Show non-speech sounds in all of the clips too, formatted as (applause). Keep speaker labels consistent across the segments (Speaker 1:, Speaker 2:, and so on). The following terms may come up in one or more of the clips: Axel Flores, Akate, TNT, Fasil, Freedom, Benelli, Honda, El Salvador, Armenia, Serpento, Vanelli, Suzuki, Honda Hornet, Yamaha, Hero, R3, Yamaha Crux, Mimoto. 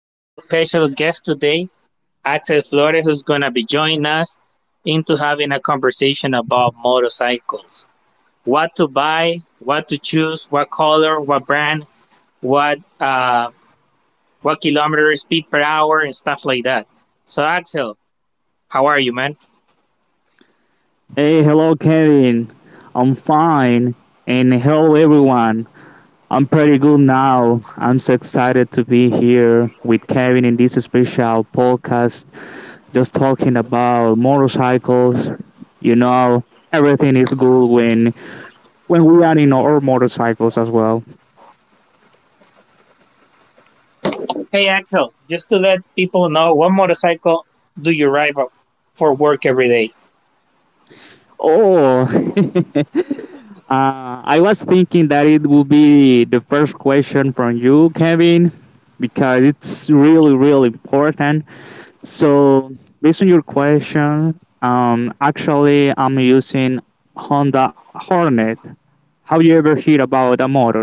Speaker 1: We have our special guest today, Axel Flores, who's going to be joining us into having a conversation about motorcycles. What to buy, what to choose, what color, what brand, what, uh, what kilometer speed per hour, and stuff like that. So, Axel, how are you, man?
Speaker 2: Hey, hello, Kevin. I'm fine. And hello, everyone. I'm pretty good now. I'm so excited to be here with Kevin in this special podcast, just talking about motorcycles. You know, everything is good when we are in our motorcycles as well.
Speaker 1: Hey, Axel, just to let people know, what motorcycle do you ride for work every day?
Speaker 2: Oh, (laughs) I was thinking that it would be the first question from you, Kevin, because it's really, really important. So, based on your question, actually, I'm using Honda Hornet. Have you ever heard about a motor?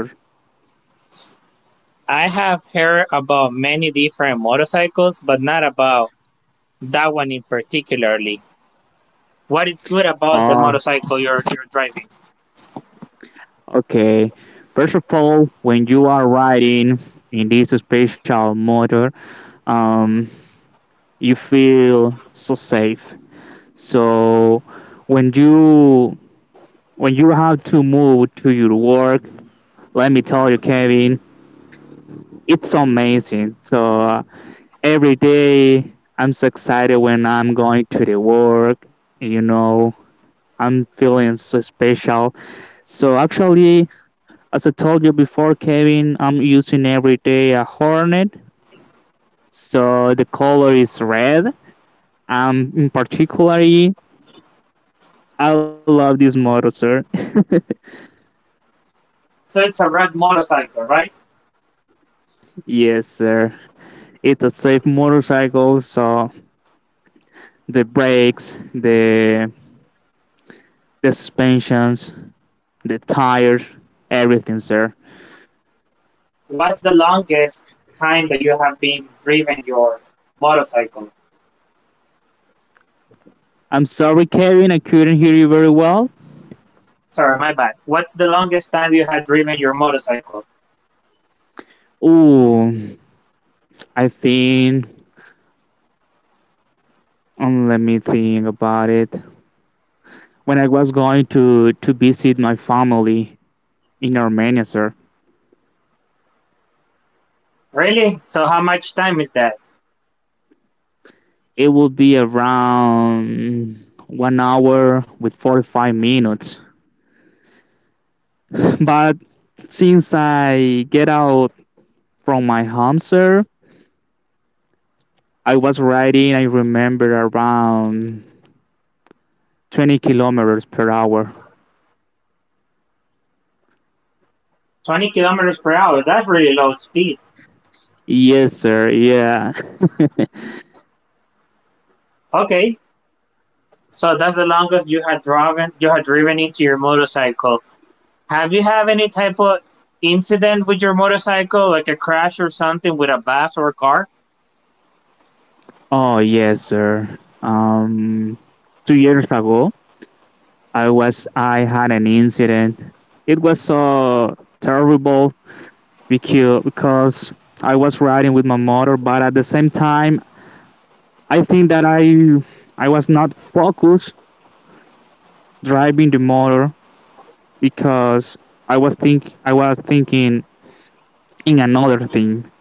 Speaker 1: I have heard about many different motorcycles, but not about that one in particularly. What is good about the
Speaker 2: Uh,
Speaker 1: motorcycle you're driving?
Speaker 2: okay. First of all, when you are riding in this special motor, um, you feel so safe. So, when you when you have to move to your work, let me tell you, Kevin, it's amazing. So every day I'm so excited when I'm going to the work. I'm feeling so special. So actually, as I told you before, Kevin, I'm using every day a Hornet. So the color is red. In particularly, I love this motor, sir. (laughs)
Speaker 1: So it's a red motorcycle, right?
Speaker 2: Yes, sir. It's a safe motorcycle. So the brakes, the suspensions, the tires, everything, sir.
Speaker 1: What's the longest time that you have been driven your motorcycle?
Speaker 2: I'm sorry, Kevin. I couldn't hear you very well.
Speaker 1: Sorry, my bad. What's the longest time you had driven your motorcycle?
Speaker 2: Oh, I think. Let me think about it. When I was going to visit my family in Armenia, sir,
Speaker 1: Really? So how much time is that?
Speaker 2: it would be around 1 hour with 45 minutes. (laughs) But since I get out from my home, sir, I was riding. I remember around 20 kilometers per hour.
Speaker 1: 20 kilometers per hour. That's really low speed.
Speaker 2: Yes, sir. Yeah. (laughs)
Speaker 1: Okay. So that's the longest you had driven into your motorcycle. Have you have any type of incident with your motorcycle, like a crash or something with a bus or a car?
Speaker 2: Oh yes, sir. Um, 2 years ago, I had an incident. It was so terrible, because I was riding with my motor, but at the same time, I think that I was not focused driving the motor, because I was think I was thinking in another thing,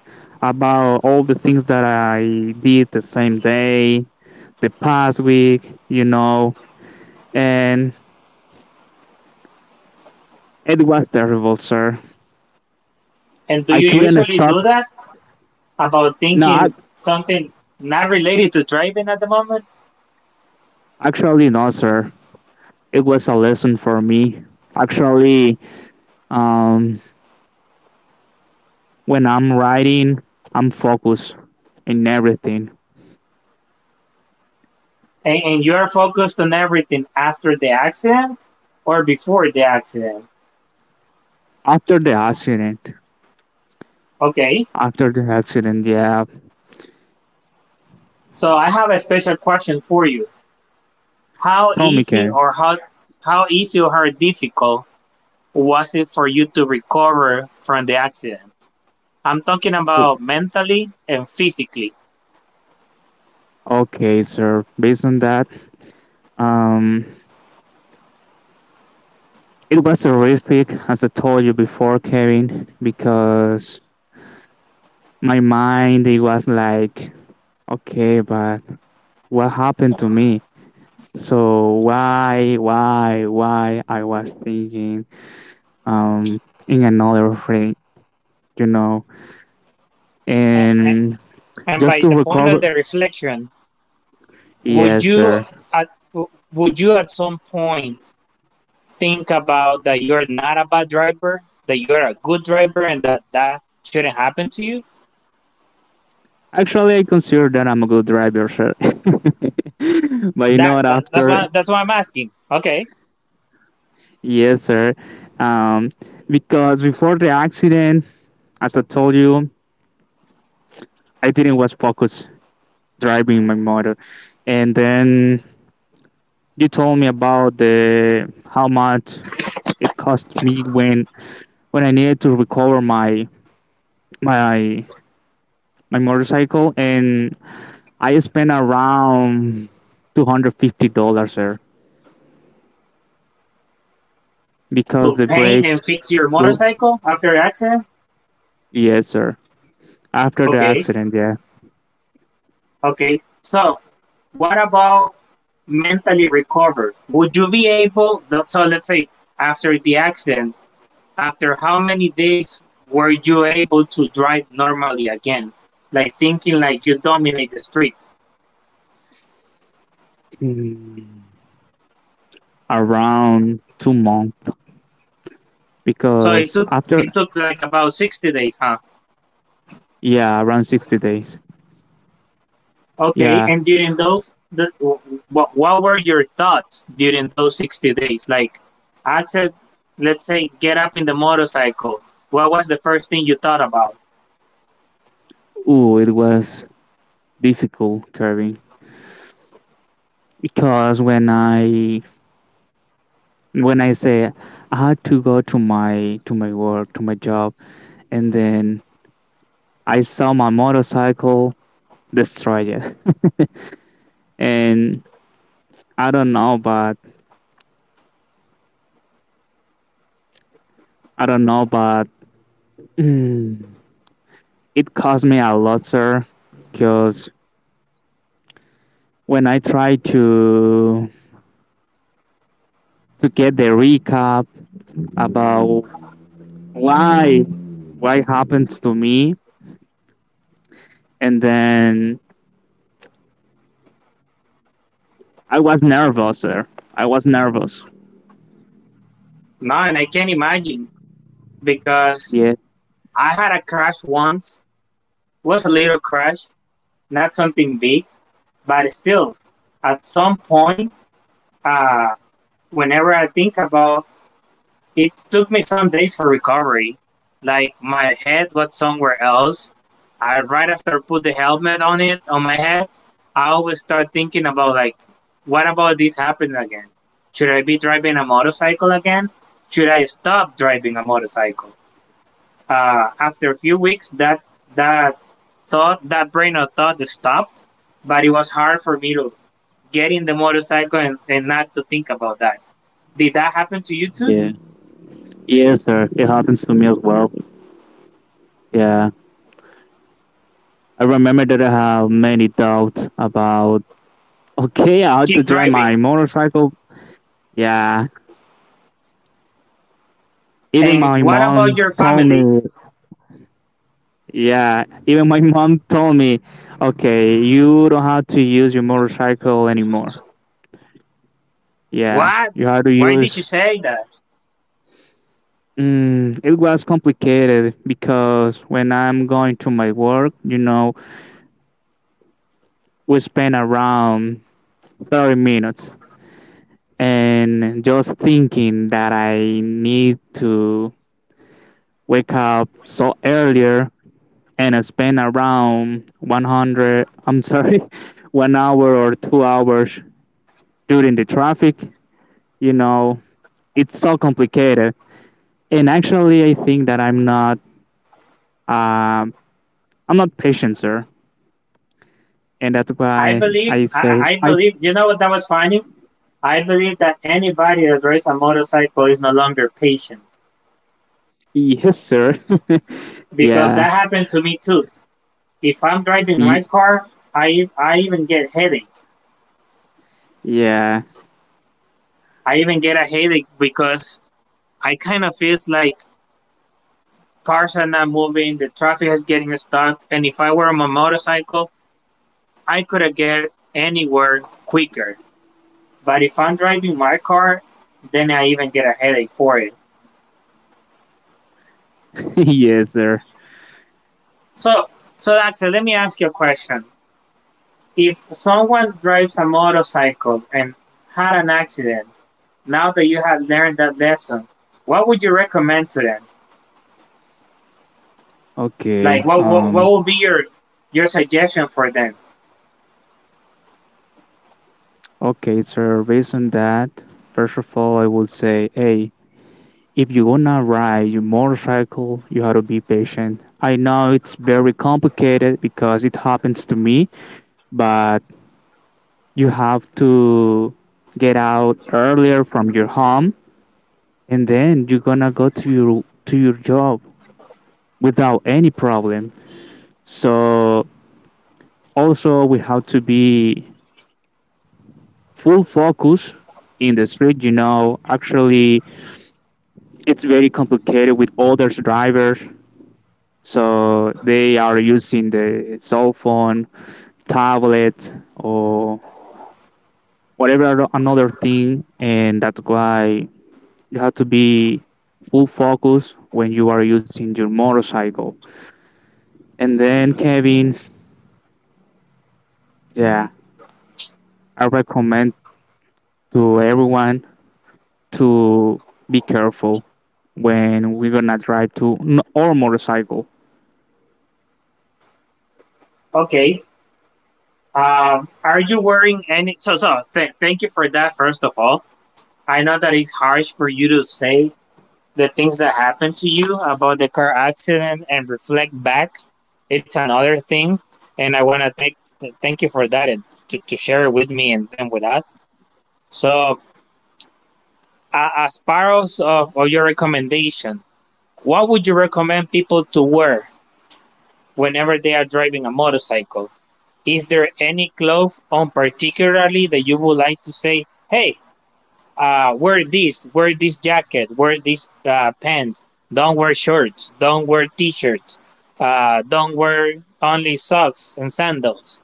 Speaker 2: about all the things that I did the same day, the past week, and it was terrible, sir.
Speaker 1: And do
Speaker 2: I
Speaker 1: you
Speaker 2: couldn't
Speaker 1: usually
Speaker 2: stop.
Speaker 1: do that about
Speaker 2: No,
Speaker 1: thinking
Speaker 2: ac
Speaker 1: something not related to driving at the moment?
Speaker 2: actually, no, sir. It was a lesson for me. Actually, um, when I'm riding, I'm focused in everything.
Speaker 1: And you are focused on everything after the accident or before the accident.
Speaker 2: After the accident,
Speaker 1: Okay.
Speaker 2: after the accident, yeah.
Speaker 1: So I have a special question for you. How
Speaker 2: Tell me,
Speaker 1: easy
Speaker 2: Karen.
Speaker 1: or how difficult was it for you to recover from the accident? I'm talking
Speaker 2: O-
Speaker 1: about mentally and physically.
Speaker 2: Okay, sir. Based on that, um, it was horrific, as I told you before, Kevin, because my mind, it was like, okay, but what happened to me? So why I was thinking um in another thing, you know,
Speaker 1: A- a-
Speaker 2: and
Speaker 1: And
Speaker 2: just
Speaker 1: by
Speaker 2: to
Speaker 1: the point of
Speaker 2: recover.
Speaker 1: the reflection, would
Speaker 2: Yes,
Speaker 1: you
Speaker 2: sir.
Speaker 1: at w- would you at some point think about that you are not a bad driver, that you are a good driver, and that that shouldn't happen to you?
Speaker 2: Actually, I consider that I'm a good driver, sir. (laughs) But you
Speaker 1: That,
Speaker 2: know what?
Speaker 1: that that's
Speaker 2: After
Speaker 1: why that's why I'm asking. Okay,
Speaker 2: yes, sir. Um, because before the accident, as I told you, I didn't was focused driving my motor, and then you told me about the how much it cost me when I needed to recover my my my motorcycle, and I spent around $250, sir, because
Speaker 1: to
Speaker 2: the
Speaker 1: paint
Speaker 2: brakes
Speaker 1: and fix your
Speaker 2: were
Speaker 1: motorcycle after the accident.
Speaker 2: yes, sir. After the
Speaker 1: Okay,
Speaker 2: accident, yeah.
Speaker 1: okay. So what about mentally recover? Would you be able? So let's say after the accident, after how many days were you able to drive normally again? Like thinking like you dominate the street.
Speaker 2: Mm, around 2 months,
Speaker 1: So it
Speaker 2: because
Speaker 1: took
Speaker 2: after
Speaker 1: like about 60 days, huh?
Speaker 2: yeah, around 60 days,
Speaker 1: Okay,
Speaker 2: yeah.
Speaker 1: and during those, what were your thoughts during those 60 days? Like, Axel, let's say, get up in the motorcycle. What was the first thing you thought about?
Speaker 2: Ooh, it was difficult, Kirby, because when I say I had to go to my work, to my job, and then I saw my motorcycle destroyed, it. (laughs) And I don't know, but I don't know, but mm, it cost me a lot, sir. Because when I tried to get the recap about why happened to me, and then I was nervous, sir. I was nervous.
Speaker 1: No, and I can't imagine because
Speaker 2: Yeah,
Speaker 1: I had a crash once. It was a little crash, not something big, but still, at some point, uh, whenever I think about it, took me some days for recovery. Like my head was somewhere else. I right after put the helmet on it on my head, I always start thinking about like, what about this happening again? Should I be driving a motorcycle again? Should I stop driving a motorcycle? After a few weeks, that that brain of thought, stopped. But it was hard for me to getting the motorcycle and, not to think about that. Did that happen to you too?
Speaker 2: yeah, yes, sir. It happens to me as well. Yeah, I remember that I have many doubts about okay, I had to
Speaker 1: Keep
Speaker 2: drive my
Speaker 1: driving.
Speaker 2: motorcycle. Yeah, even
Speaker 1: And
Speaker 2: my
Speaker 1: what about
Speaker 2: mom
Speaker 1: your
Speaker 2: told
Speaker 1: family?
Speaker 2: me. Yeah, even my (laughs) mom told me, okay, you don't have to use your motorcycle anymore. Yeah,
Speaker 1: What?
Speaker 2: you have to
Speaker 1: Why did you
Speaker 2: use.
Speaker 1: say that?
Speaker 2: It was complicated, because when I'm going to my work, you know, we spend around 30 minutes, and just thinking that I need to wake up so earlier, and I spend around 100, I'm sorry, (laughs) 1 hour or 2 hours during the traffic. You know, it's so complicated. And actually, I think that um I'm not patient, sir. And that's why I say,
Speaker 1: I
Speaker 2: I,
Speaker 1: believe, you know what that was funny? I believe that anybody that drives a motorcycle is no longer patient
Speaker 2: yes, sir. (laughs)
Speaker 1: because that
Speaker 2: Yeah,
Speaker 1: happened to me too. If I'm driving
Speaker 2: Ye-
Speaker 1: my car, I even get headache.
Speaker 2: yeah,
Speaker 1: I even get a headache because I kind of feels like cars are not moving, the traffic is getting stuck, and if I were on my motorcycle, I couldn't get anywhere quicker. But if I'm driving my car, then I even get a headache for it.
Speaker 2: (laughs) yes, sir.
Speaker 1: So, so Axel, let me ask you a question. If someone drives a motorcycle and had an accident, now that you have learned that lesson, what would you recommend to them? Like,
Speaker 2: Okay,
Speaker 1: what would be your suggestion for them?
Speaker 2: okay, sir. Based on that, first of all, I will say, hey, if you wanna ride your motorcycle, you have to be patient. I know it's very complicated, because it happens to me, but you have to get out earlier from your home, and then you're gonna go to your job without any problem. So also, we have to be full focus in the street, you know. Actually, it's very complicated with other drivers. So they are using the cell phone, tablet, or whatever another thing, and that's why you have to be full focus when you are using your motorcycle. And then Kevin, yeah, I recommend to everyone to be careful when we're gonna drive to n- or motorcycle.
Speaker 1: Okay, are you wearing any? So thank you for that. First of all, I know that it's harsh for you to say the things that happened to you about the car accident, and reflect back it's another thing, and I want to thank you for that and to, share it with me and, with us. So as part of, your recommendation, what would you recommend people to wear whenever they are driving a motorcycle? Is there any clothes on particularly that you would like to say, hey, wear this jacket, wear this, pants. Don't wear shorts. Don't wear t-shirts. Don't wear only socks and sandals.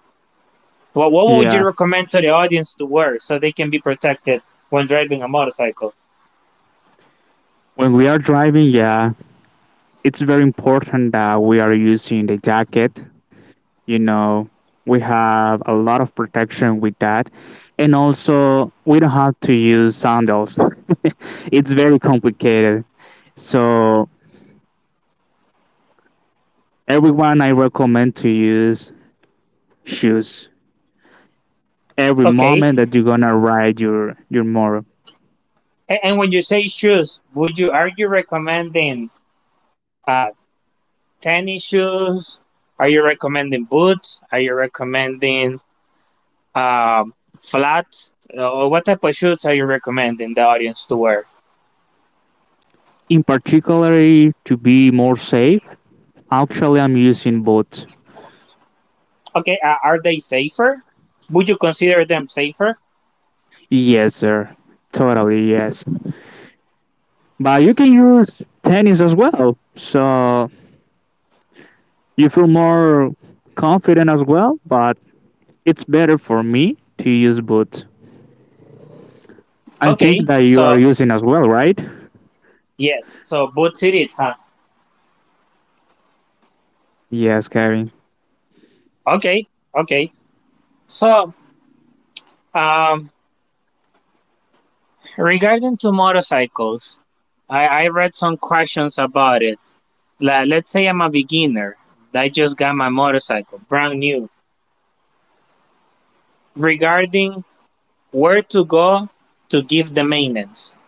Speaker 1: What, would you
Speaker 2: Yeah,
Speaker 1: recommend to the audience to wear so they can be protected when driving a motorcycle?
Speaker 2: when we are driving, yeah, it's very important that we are using the jacket. You know, we have a lot of protection with that. And also, we don't have to use sandals. (laughs) It's very complicated. So everyone, I recommend to use shoes every
Speaker 1: Okay.
Speaker 2: moment that you're gonna ride your motor,
Speaker 1: And when you say shoes, would you are you recommending uh, tennis shoes? Are you recommending boots? Are you recommending um, flats? Or what type of shoes are you recommending the audience to wear?
Speaker 2: in particular, to be more safe. Actually, I'm using boots.
Speaker 1: Okay, are they safer? Would you consider them safer?
Speaker 2: Yes, sir. Totally. Yes, but you can use tennis as well. So you feel more confident as well, but it's better for me to use boots. I think
Speaker 1: Okay,
Speaker 2: that you are
Speaker 1: so
Speaker 2: using as well, right?
Speaker 1: yes, so both cities, huh?
Speaker 2: Yes, Kevin.
Speaker 1: Okay, okay. So, um, regarding to motorcycles, I read some questions about it. Like, let's say I'm a beginner. I just got my motorcycle, brand new. Regarding where to go to give the maintenance,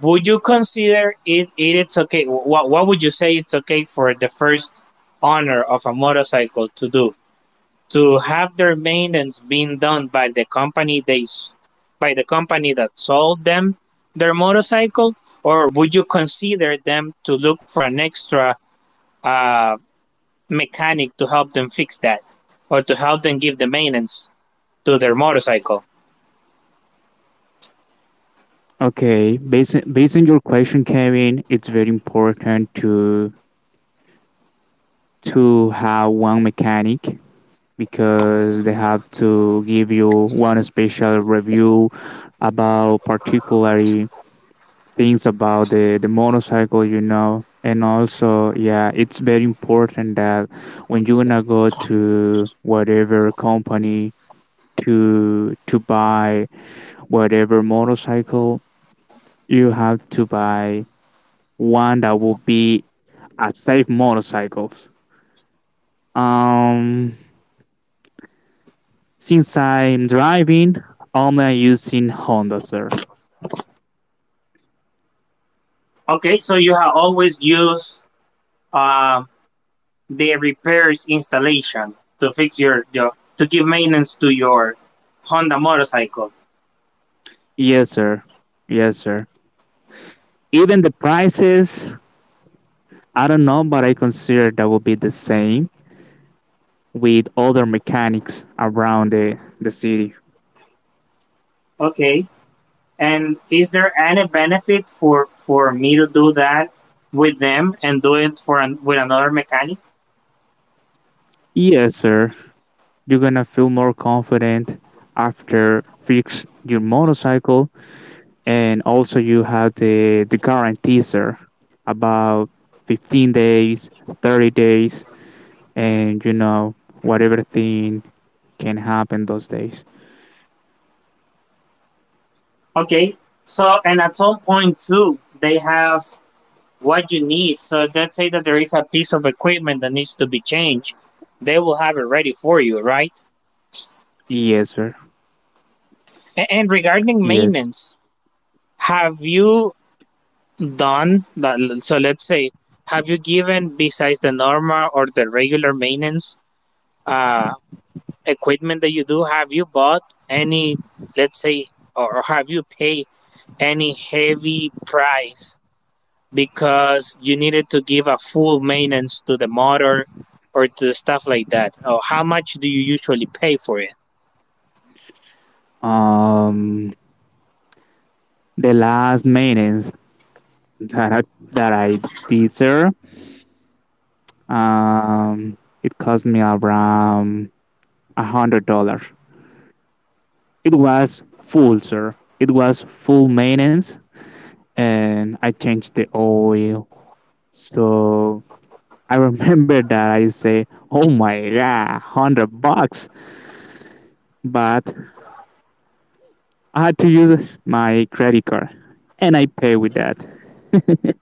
Speaker 1: would you consider it, it's okay? What would you say it's okay for the first owner of a motorcycle to do? To have their maintenance being done by the company they by the company that sold them their motorcycle, or would you consider them to look for an extra, uh, mechanic to help them fix that or to help them give the maintenance to their motorcycle?
Speaker 2: Okay, based on your question, Kevin, it's very important to have one mechanic, because they have to give you one special review about particular things about the motorcycle, you know. And also, yeah, it's very important that when you're gonna go to whatever company to buy whatever motorcycle, you have to buy one that will be I save motorcycles. Um, since I'm driving, only using Honda, sir.
Speaker 1: Okay, so you have always used, uh, the repairs installation to fix your, to give maintenance to your Honda motorcycle.
Speaker 2: Yes, sir. Yes, sir. Even the prices, I don't know, but I consider that will be the same with other mechanics around the city.
Speaker 1: Okay. And is there any benefit for me to do that with them and do it for an, with another mechanic?
Speaker 2: Yes, sir. You're gonna feel more confident after fix your motorcycle, and also you have the guarantee, sir, about 15 days, 30 days, and you know whatever thing can happen those days.
Speaker 1: Okay. So, and at some point too, they have what you need. So let's say that there is a piece of equipment that needs to be changed, they will have it ready for you, right?
Speaker 2: Yes, sir.
Speaker 1: And regarding
Speaker 2: Yes.
Speaker 1: maintenance, have you done that? So let's say, have you given besides the normal or the regular maintenance? Uh, equipment that you do, have you bought any, let's say, or have you paid any heavy price because you needed to give a full maintenance to the motor or to stuff like that? Or how much do you usually pay for it?
Speaker 2: um the last maintenance that I that I did, sir, um it cost me around $100. It was full, sir. It was full maintenance, and I changed the oil. So I remember that I say, oh my god, 100 bucks, but I had to use my credit card, and I pay with that. (laughs)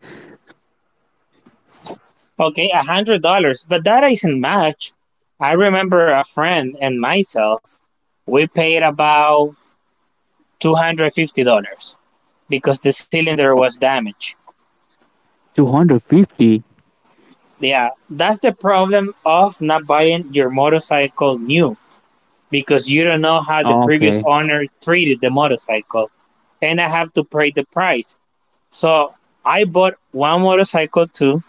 Speaker 1: Okay, $100, but that isn't much. I remember a friend and myself, we paid about $250 because the cylinder was damaged.
Speaker 2: 250.
Speaker 1: Yeah, that's the problem of not buying your motorcycle new because you don't know how the previous
Speaker 2: Okay.
Speaker 1: owner treated the motorcycle, and I have to pay the price. So I bought one motorcycle too,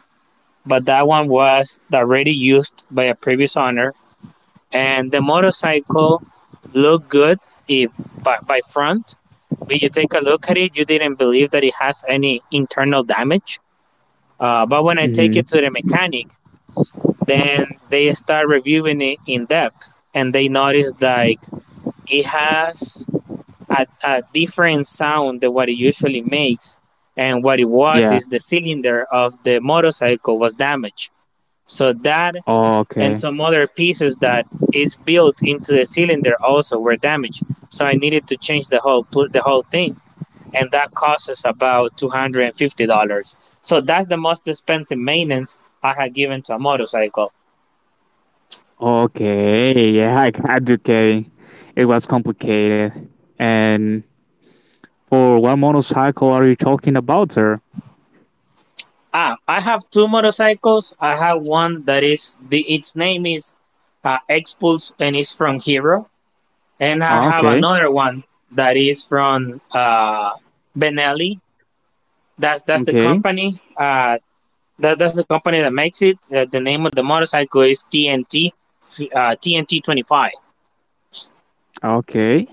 Speaker 1: but that one was already used by a previous owner, and the motorcycle looked good if by, front. When you take a look at it, you didn't believe that it has any internal damage. But when I take
Speaker 2: Mhm.
Speaker 1: it to the mechanic, then they start reviewing it in depth, and they notice like it has a, different sound than what it usually makes. And what it was
Speaker 2: Yeah.
Speaker 1: is the cylinder of the motorcycle was damaged. So that and
Speaker 2: Okay.
Speaker 1: some other pieces that is built into the cylinder also were damaged. So I needed to change the whole thing, and that cost us about $250. So that's the most expensive maintenance I had given to a motorcycle.
Speaker 2: Okay. Yeah. I got okay. It was complicated. And for what motorcycle are you talking about, sir?
Speaker 1: Ah, I have two motorcycles. I have one that is the its name is Expulse, and it's from Hero, and I have
Speaker 2: Okay.
Speaker 1: another one that is from, Benelli. That's the
Speaker 2: Okay.
Speaker 1: company. That's the company that makes it. The name of the motorcycle is TNT, TNT 25.
Speaker 2: Okay.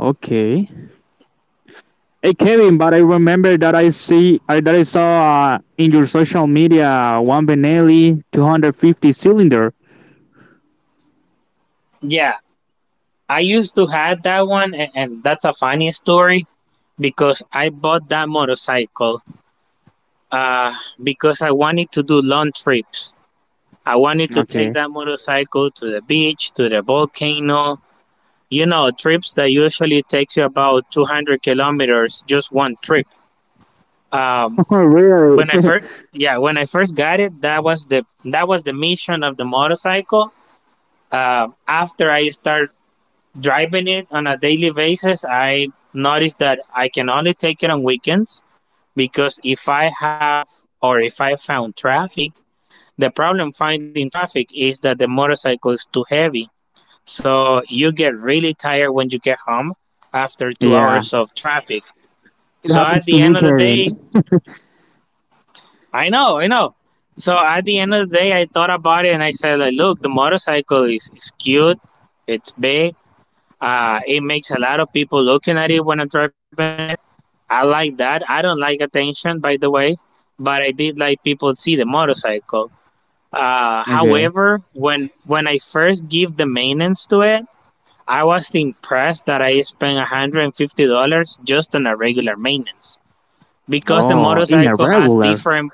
Speaker 2: Okay. Hey, Kevin. But I remember that I that I saw in your social media one Benelli 250 cylinder.
Speaker 1: Yeah, I used to have that one, and that's a funny story because I bought that motorcycle, uh, because I wanted to do long trips. I wanted to take
Speaker 2: Okay.
Speaker 1: that motorcycle to the beach, to the volcano. You know, trips that usually takes you about 200 kilometers, just one trip. Um,
Speaker 2: (laughs) Oh really?
Speaker 1: when I
Speaker 2: (laughs)
Speaker 1: first, yeah, when I first got it, that was the mission of the motorcycle. After I start driving it on a daily basis, I noticed that I can only take it on weekends because if I have or if I found traffic, the problem finding traffic is that the motorcycle is too heavy, so you get really tired when you get home after two
Speaker 2: Yeah,
Speaker 1: hours of traffic.
Speaker 2: it
Speaker 1: So
Speaker 2: happens
Speaker 1: at
Speaker 2: to
Speaker 1: the
Speaker 2: me,
Speaker 1: end of the
Speaker 2: Karin.
Speaker 1: day, I know, I know. So at the end of the day, I thought about it and I said, like, look, the motorcycle is, cute. It's big. It makes a lot of people looking at it when I'm driving it. I like that. I don't like attention, by the way, but I did like people see the motorcycle. Uh,
Speaker 2: Okay.
Speaker 1: however, when I first give the maintenance to it, I was impressed that I spent $150 just on a regular maintenance because the
Speaker 2: Oh, in a
Speaker 1: motorcycle has
Speaker 2: regular.
Speaker 1: different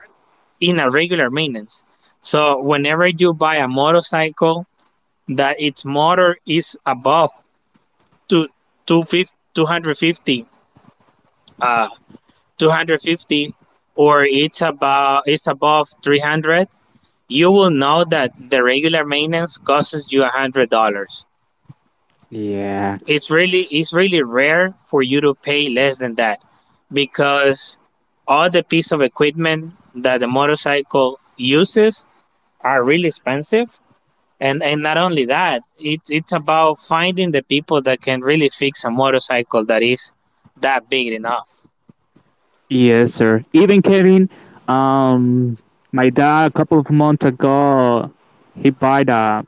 Speaker 1: in a regular maintenance. So whenever you buy a motorcycle that its motor is above two, 250 uh 250 or it's about it's above 300, you will know that the regular maintenance costs you $100.
Speaker 2: Yeah.
Speaker 1: It's really rare for you to pay less than that, because all the piece of equipment that the motorcycle uses are really expensive. And not only that, it's about finding the people that can really fix a motorcycle that is that big enough.
Speaker 2: Yes, sir. Even Kevin, um, my dad a couple of months ago, he bought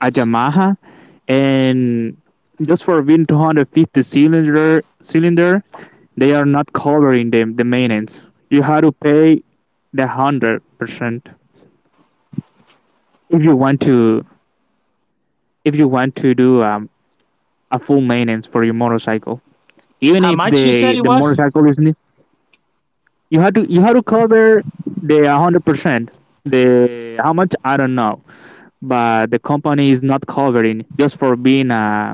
Speaker 2: a Yamaha, and just for being 250 cylinder, they are not covering the maintenance. You had to pay the 100%. If you want to do a full maintenance for your motorcycle, even
Speaker 1: How
Speaker 2: if
Speaker 1: much you
Speaker 2: the
Speaker 1: said it was?
Speaker 2: motorcycle is new, you have to cover the 100%. The how much I don't know, but the company is not covering, just for being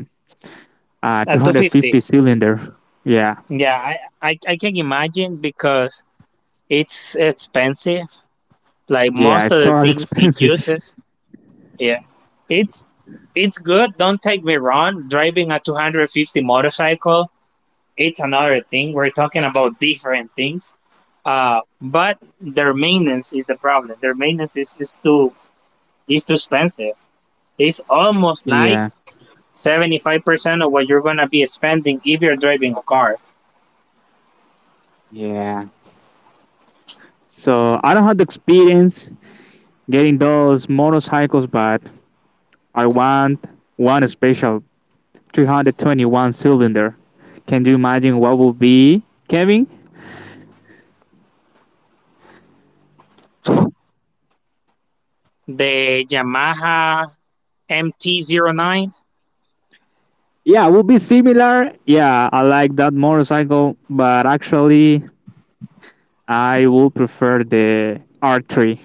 Speaker 2: a
Speaker 1: 250.
Speaker 2: 250 cylinder. Yeah,
Speaker 1: Yeah, I can imagine because it's expensive, like
Speaker 2: yeah,
Speaker 1: most of
Speaker 2: it's
Speaker 1: the
Speaker 2: all (laughs)
Speaker 1: things it
Speaker 2: expensive.
Speaker 1: uses. Yeah. It's it's good. Don't take me wrong. Driving a 250 motorcycle it's another thing. We're talking about different things. But their maintenance is the problem. Their maintenance is too expensive. It's almost like
Speaker 2: Yeah,
Speaker 1: 75% of what you're gonna be spending if you're driving a car.
Speaker 2: yeah. So I don't have the experience getting those motorcycles, but I want one special 321 cylinder. Can you imagine what will be, Kevin?
Speaker 1: The Yamaha mt 09.
Speaker 2: Yeah, will be similar. Yeah, I like that motorcycle, but actually, I will prefer the R3.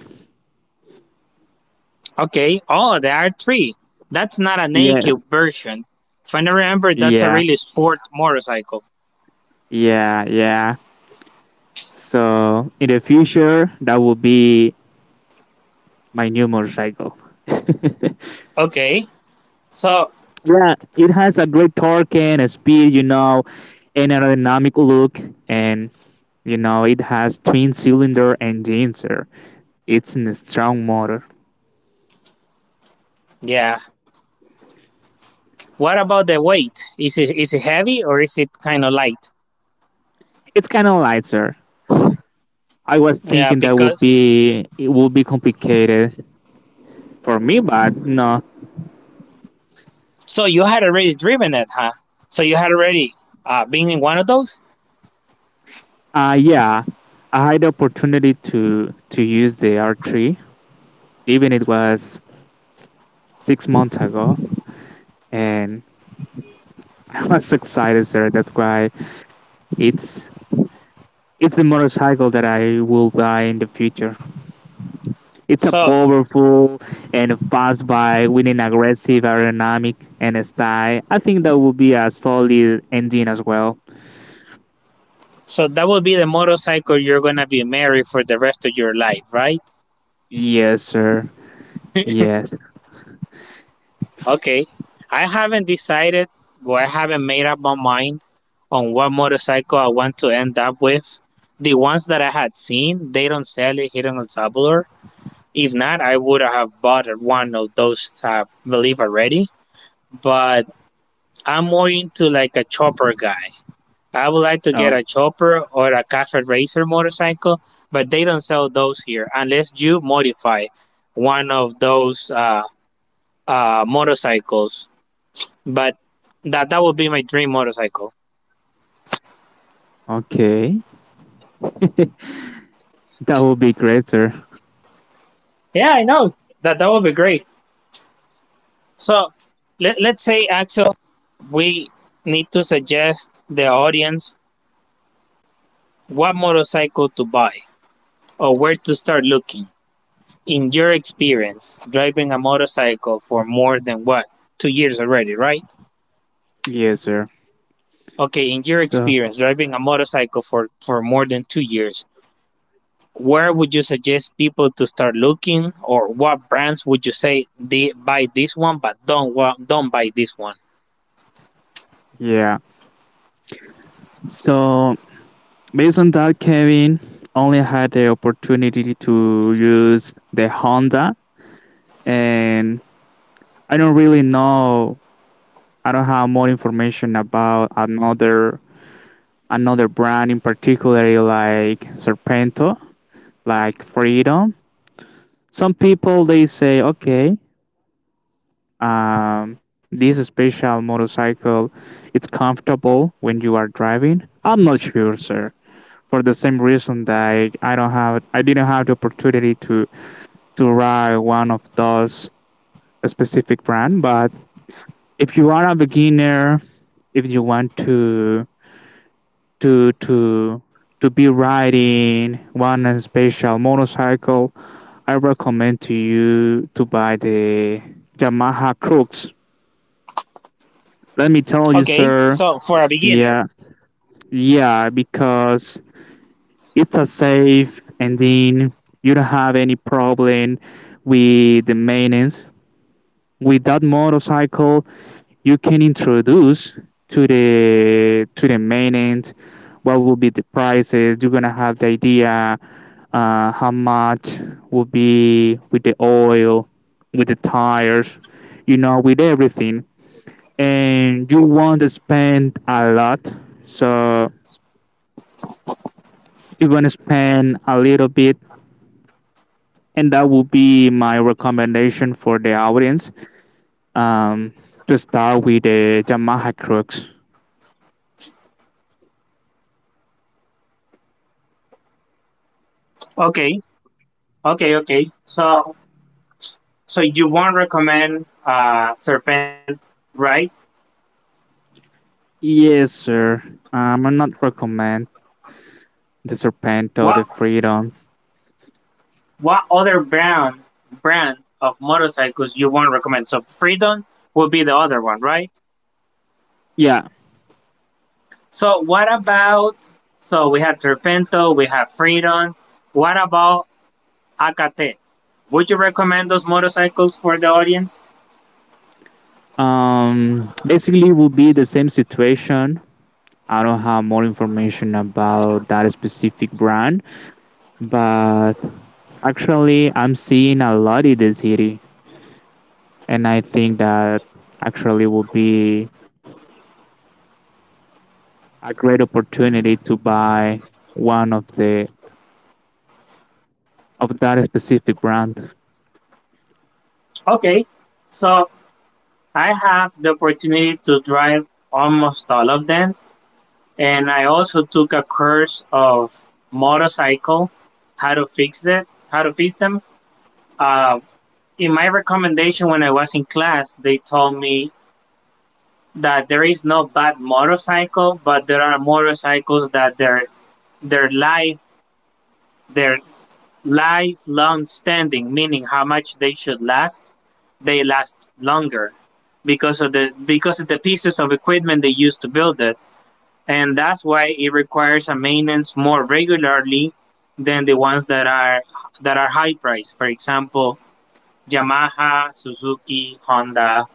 Speaker 1: Okay, oh, the R3. That's not an AQ
Speaker 2: Yes.
Speaker 1: version. If I remember, that's a
Speaker 2: Yeah.
Speaker 1: really sport motorcycle.
Speaker 2: Yeah. Yeah. So in the future, that will be my new motorcycle. (laughs)
Speaker 1: Okay, so
Speaker 2: Yeah, it has a great torque and a speed, you know, an aerodynamic look, and you know, it has twin cylinder engines, sir. It's in a strong motor.
Speaker 1: yeah, what about the weight? Is it heavy or is it kind of light?
Speaker 2: It's kind of lighter. I was
Speaker 1: Yeah,
Speaker 2: thinking that would
Speaker 1: because
Speaker 2: be complicated for me, but no.
Speaker 1: so you had already driven it, huh? So you had already been in one of those.
Speaker 2: Yeah, I had the opportunity to use the R3, even it was 6 months ago, and (laughs) I was excited, sir. That's why it's the motorcycle that I will buy in the future. It's a
Speaker 1: So
Speaker 2: powerful and fast bike with an aggressive aerodynamic and style. I think that would be a solid engine as well.
Speaker 1: so that would be the motorcycle you're gonna be married for the rest of your life, right?
Speaker 2: Yes, sir. Yes.
Speaker 1: Okay. I haven't decided, or I haven't made up my mind on what motorcycle I want to end up with. The ones that I had seen, they don't sell it here in El Salvador. If not, I would have bought one of those, I believe, already, but I'm more into like a chopper guy. I would like to
Speaker 2: Oh,
Speaker 1: get a chopper or a cafe racer motorcycle, but they don't sell those here unless you modify one of those motorcycles. But that would be my dream motorcycle.
Speaker 2: okay. (laughs) That would be great, sir.
Speaker 1: Yeah, I know that that would be great. So let's say Axel, we need to suggest the audience what motorcycle to buy or where to start looking. In your experience, driving a motorcycle for more than what? 2 years already, right?
Speaker 2: Yes, sir.
Speaker 1: Okay, in your
Speaker 2: So,
Speaker 1: experience, driving a motorcycle for, more than 2 years, where would you suggest people to start looking, or what brands would you say they buy this one but don't buy this one?
Speaker 2: yeah. So, based on that, Kevin only had the opportunity to use the Honda, and I don't really know. I don't have more information about another brand, in particular, like Serpento, like Freedom. Some people they say, okay, um, this special motorcycle, it's comfortable when you are driving. I'm not sure, sir. For the same reason that I don't have, I didn't have the opportunity to ride one of those specific brand. But if you are a beginner, if you want to to to be riding one special motorcycle, I recommend to you to buy the Yamaha Crux. Let me tell you,
Speaker 1: Okay, so
Speaker 2: sir.
Speaker 1: for a beginner.
Speaker 2: Yeah, yeah, because it's a safe, and then you don't have any problem with the maintenance. With that motorcycle, you can introduce to the maintenance what will be the prices. You're gonna have the idea how much would be with the oil, with the tires, with everything. And you want to spend a lot, so you want to spend a little bit, and that will be my recommendation for the audience. Um, to start with the Yamaha Crux.
Speaker 1: Okay, okay. So you won't recommend Serpento, right?
Speaker 2: Yes, sir. I'm not recommend the Serpento,
Speaker 1: What
Speaker 2: the Freedom.
Speaker 1: What other brand of motorcycles you won't recommend? So Freedom would be the other one, right?
Speaker 2: Yeah.
Speaker 1: So what about? So we have Serpento, we have Freedom. What about Akate? Would you recommend those motorcycles for the audience?
Speaker 2: Basically, will be the same situation. I don't have more information about that specific brand, but actually, I'm seeing a lot in the city, and I think that actually would be a great opportunity to buy one of the of that specific brand.
Speaker 1: Okay, so I have the opportunity to drive almost all of them, and I also took a course of motorcycle, how to fix it, how to fix them. Uh, in my recommendation when I was in class, they told me that there is no bad motorcycle, but there are motorcycles that their life their lifelong standing, meaning how much they should last, they last longer because of the pieces of equipment they use to build it. And that's why it requires a maintenance more regularly than the ones that are high price. For example, Yamaha, Suzuki, Honda.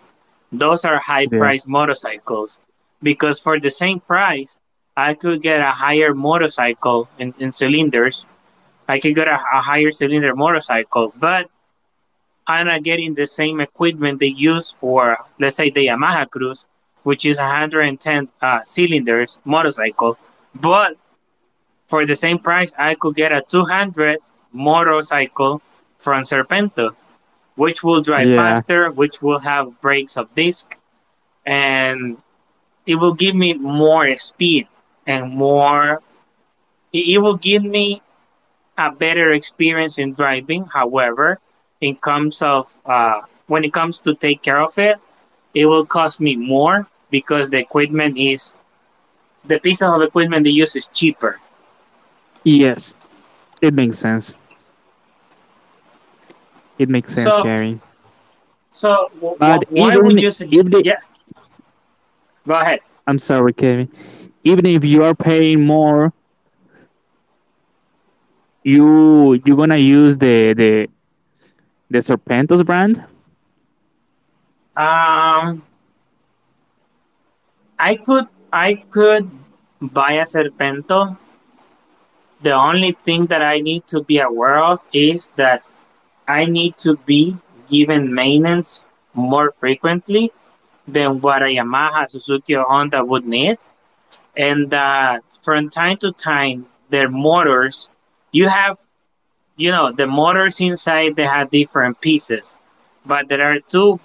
Speaker 1: Those are high
Speaker 2: Yeah,
Speaker 1: priced motorcycles because for the same price, I could get a higher motorcycle in, cylinders. I could get a, higher cylinder motorcycle, but I'm not getting the same equipment they use for, let's say, the Yamaha Cruz, which is 110 cylinders motorcycle. But for the same price, I could get a 200 motorcycle from Serpento, which will drive
Speaker 2: yeah,
Speaker 1: faster, which will have brakes of disc, and it will give me more speed and more, it will give me a better experience in driving. However, in comes of when it comes to take care of it, it will cost me more because the equipment is the piece of equipment they use is cheaper.
Speaker 2: yes, it makes sense. It makes sense,
Speaker 1: So
Speaker 2: Kevin. But
Speaker 1: why
Speaker 2: even
Speaker 1: would you
Speaker 2: if
Speaker 1: suggest?
Speaker 2: the
Speaker 1: Yeah, go ahead.
Speaker 2: I'm sorry, Kevin. Even if you are paying more, you're gonna use the Serpentos brand?
Speaker 1: Um i could, I could buy a Serpento. The only thing that I need to be aware of is that I need to be given maintenance more frequently than what a Yamaha, Suzuki, or Honda would need. And from time to time, their motors, you have, you know, the motors inside, they have different pieces. But there are two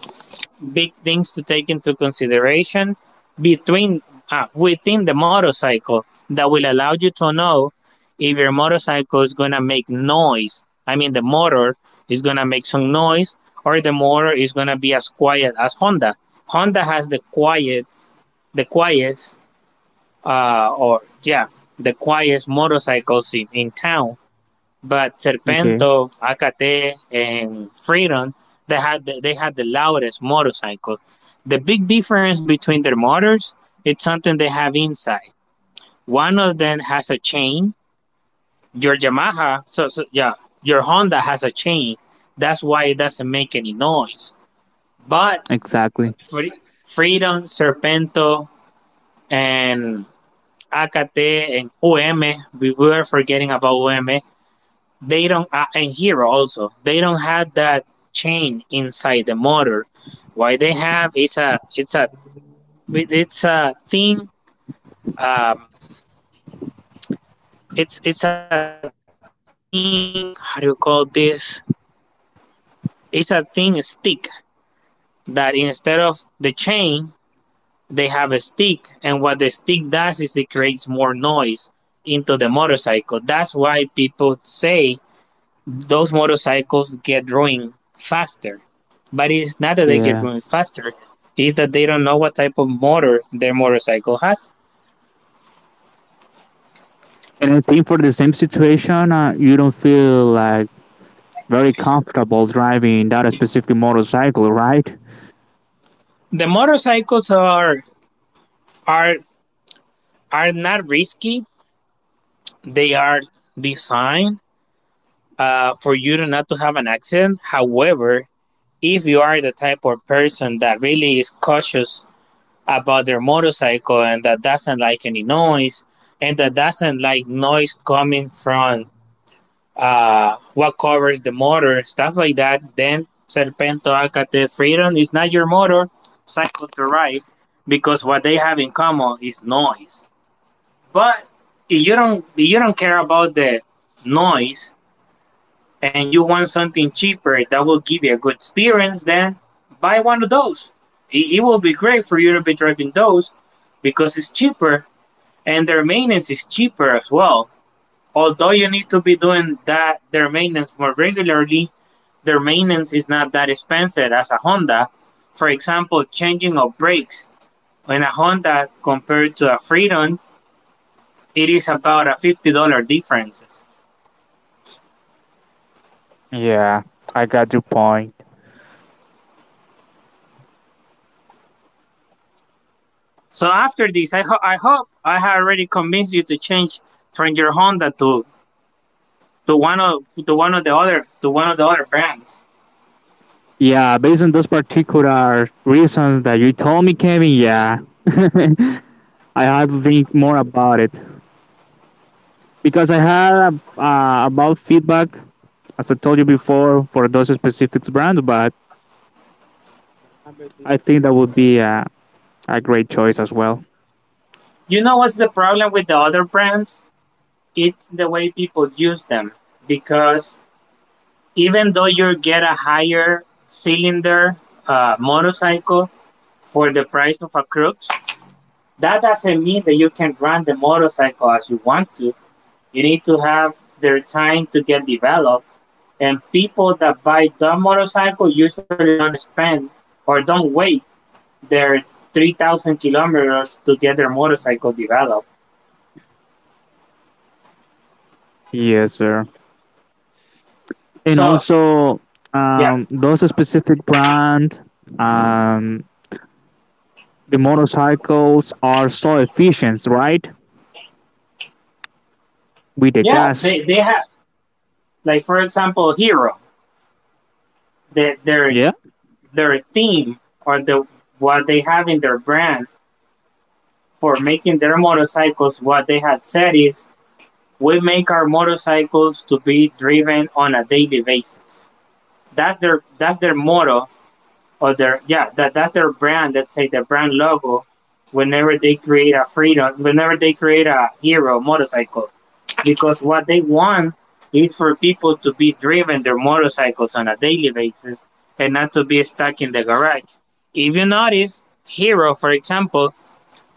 Speaker 1: big things to take into consideration between within the motorcycle that will allow you to know if your motorcycle is gonna make noise. I mean, the motor is gonna make some noise, or the motor is gonna be as quiet as Honda. Honda has the quietest, uh, or yeah, the quietest motorcycles in, town, but
Speaker 2: Okay,
Speaker 1: Serpento, Acate, and Freedom, they had the loudest motorcycle. The big difference between their motors, it's something they have inside. One of them has a chain. Your Yamaha, your Honda has a chain. That's why it doesn't make any noise. But
Speaker 2: exactly.
Speaker 1: Freedom, Serpento, and Acate and UM, we were forgetting about UM, they don't and Hero also, they don't have that chain inside the motor. What they have is a, it's a it's a thing um it's a thing how do you call this? It's a thing stick. That instead of the chain, they have a stick, and what the stick does is it creates more noise into the motorcycle. That's why people say those motorcycles get ruined faster. But it's not that they get
Speaker 2: Yeah.
Speaker 1: moving faster; it's that they don't know what type of motor their motorcycle has.
Speaker 2: And I think for the same situation, you don't feel like very comfortable driving that specific motorcycle, right?
Speaker 1: The motorcycles are are not risky. They are designed for you to not to have an accident. However, if you are the type of person that really is cautious about their motorcycle and that doesn't like any noise and that doesn't like noise coming from what covers the motor, stuff like that. Then Serpento, Acate, Freedom is not your motor, cycle to ride, because what they have in common is noise. But if you don't, care about the noise and you want something cheaper that will give you a good experience, then buy one of those. It will be great for you to be driving those because it's cheaper and their maintenance is cheaper as well. Although you need to be doing that, their maintenance more regularly, their maintenance is not that expensive as a Honda. For example, changing of brakes in a Honda compared to a Freedom, it is about a $50 difference.
Speaker 2: Yeah, I got your point.
Speaker 1: So after this, I hope I have already convinced you to change from your Honda to one of the other to one of the other brands.
Speaker 2: Yeah, based on those particular reasons that you told me, Kevin, yeah. (laughs) I have to think more about it, because I had about feedback, as I told you before, for those specific brands, but I think that would be a great choice as well.
Speaker 1: You know what's the problem with the other brands? It's the way people use them, because even though you get a higher cylinder motorcycle for the price of a Crux, that doesn't mean that you can run the motorcycle as you want to. You need to have their time to get developed. And people that buy the motorcycle usually don't spend or don't wait their 3,000 kilometers to get their motorcycle developed.
Speaker 2: Yes, sir. And
Speaker 1: So,
Speaker 2: also,
Speaker 1: yeah,
Speaker 2: those specific brand, um, the motorcycles are so efficient, right? With the
Speaker 1: yeah,
Speaker 2: gas.
Speaker 1: they, they have, like, for example, Hero, the,
Speaker 2: Yeah.
Speaker 1: their theme or the what they have in their brand for making their motorcycles, what they had said is, we make our motorcycles to be driven on a daily basis. That's their motto, or their, that's their brand. Let's say their brand logo. Whenever they create a Freedom, whenever they create a Hero motorcycle, because what they want is for people to be driven their motorcycles on a daily basis and not to be stuck in the garage. If you notice, Hero, for example,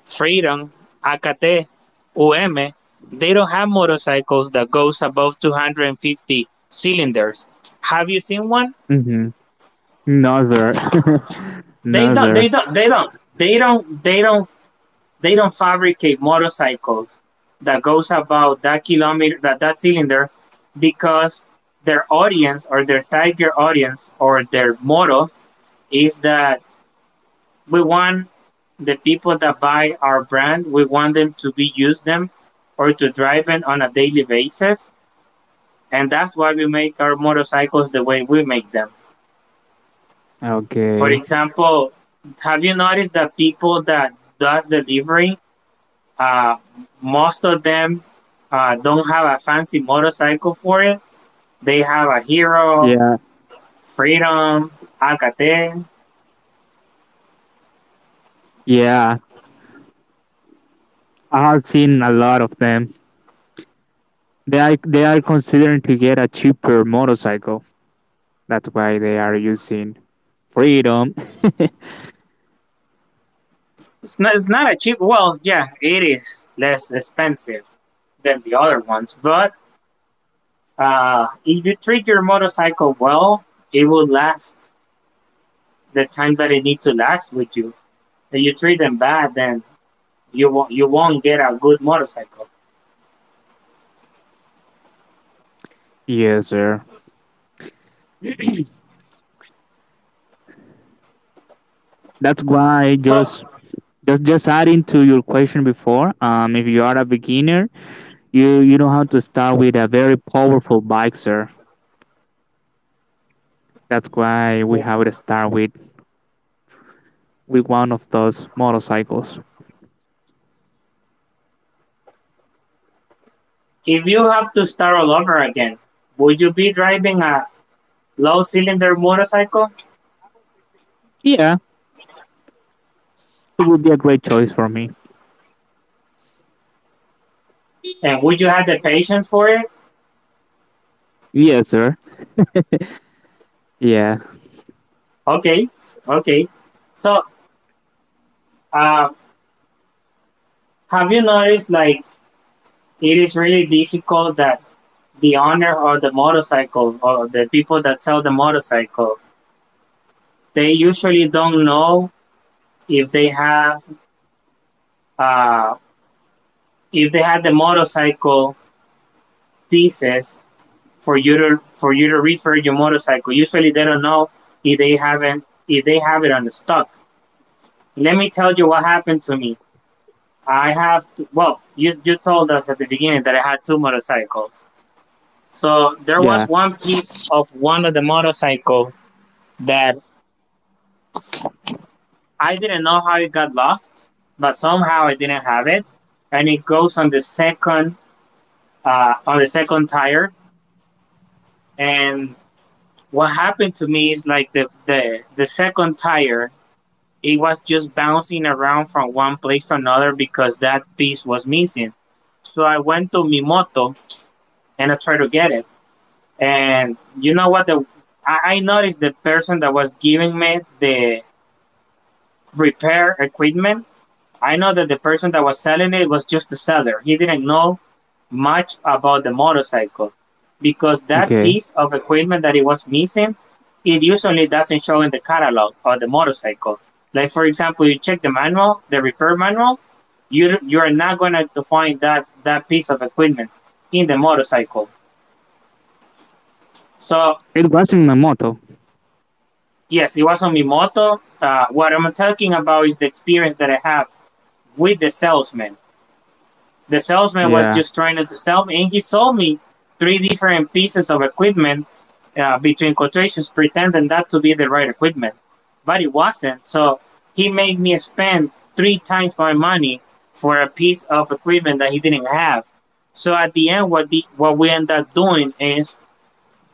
Speaker 1: Freedom, Akate, UM, they don't have motorcycles that goes above 250 cylinders. Have you seen one?
Speaker 2: Mm-hmm. Another.
Speaker 1: They don't. They
Speaker 2: Another. (laughs)
Speaker 1: don't. They don't. They don't. They don't. They don't. Fabricate motorcycles that goes about that kilometer, that that cylinder, because their audience or their tiger audience or their motto is that we want the people that buy our brand, we want them to be use them or to drive them on a daily basis. And that's why we make our motorcycles the way we make them. For
Speaker 2: Okay.
Speaker 1: example, have you noticed that people that does delivery, uh, most of them don't have a fancy motorcycle for it. They have a Hero,
Speaker 2: Yeah.
Speaker 1: Freedom, Alcatel.
Speaker 2: Yeah. I have seen a lot of them. They are considering to get a cheaper motorcycle. That's why they are using freedom. (laughs)
Speaker 1: It's not a cheap. Well, yeah, it is less expensive than the other ones, but if you treat your motorcycle well, it will last the time that it need to last with you. If you treat them bad, then you won't get a good motorcycle.
Speaker 2: Yes, sir. That's why
Speaker 1: So,
Speaker 2: just adding to your question before, if you are a beginner, you know how to start with a very powerful bike, sir. That's why we have to start with one of those motorcycles.
Speaker 1: if you have to start all over again, would you be driving a low cylinder motorcycle,
Speaker 2: Yeah, it would be a great choice for me.
Speaker 1: and would you have the patience for it?
Speaker 2: Yes, sir. Yeah,
Speaker 1: Okay, okay. So, uh, have you noticed like it is really difficult that the owner of the motorcycle or the people that sell the motorcycle, they usually don't know if they have uh, if they have the motorcycle pieces for you to repair your motorcycle. Usually they don't know if they haven't if they have it on the stock. Let me tell you what happened to me. I have to, well, you told us at the beginning that I had two motorcycles. So there
Speaker 2: yeah.
Speaker 1: was one piece of one of the motorcycle that I didn't know how it got lost, but somehow I didn't have it, and it goes on the second tire. And what happened to me is like the second tire, it was just bouncing around from one place to another because that piece was missing. So I went to Mimoto and I tried to get it. And you know what? I noticed the person that was giving me the repair equipment. I know that the person that was selling it was just a seller. He didn't know much about the motorcycle because that
Speaker 2: Okay.
Speaker 1: piece of equipment that it was missing, it usually doesn't show in the catalog of the motorcycle. Like for example, you check the manual, the repair manual, you are not going to find that piece of equipment in the motorcycle. So
Speaker 2: It wasn't my motto.
Speaker 1: yes, it was on Mimoto. What I'm talking about is the experience that I have with the salesman. The salesman was
Speaker 2: Yeah,
Speaker 1: just trying to sell me, and he sold me three different pieces of equipment, between quotations, pretending that to be the right equipment, but it wasn't. So he made me spend three times my money for a piece of equipment that he didn't have. So at the end, what we ended up doing is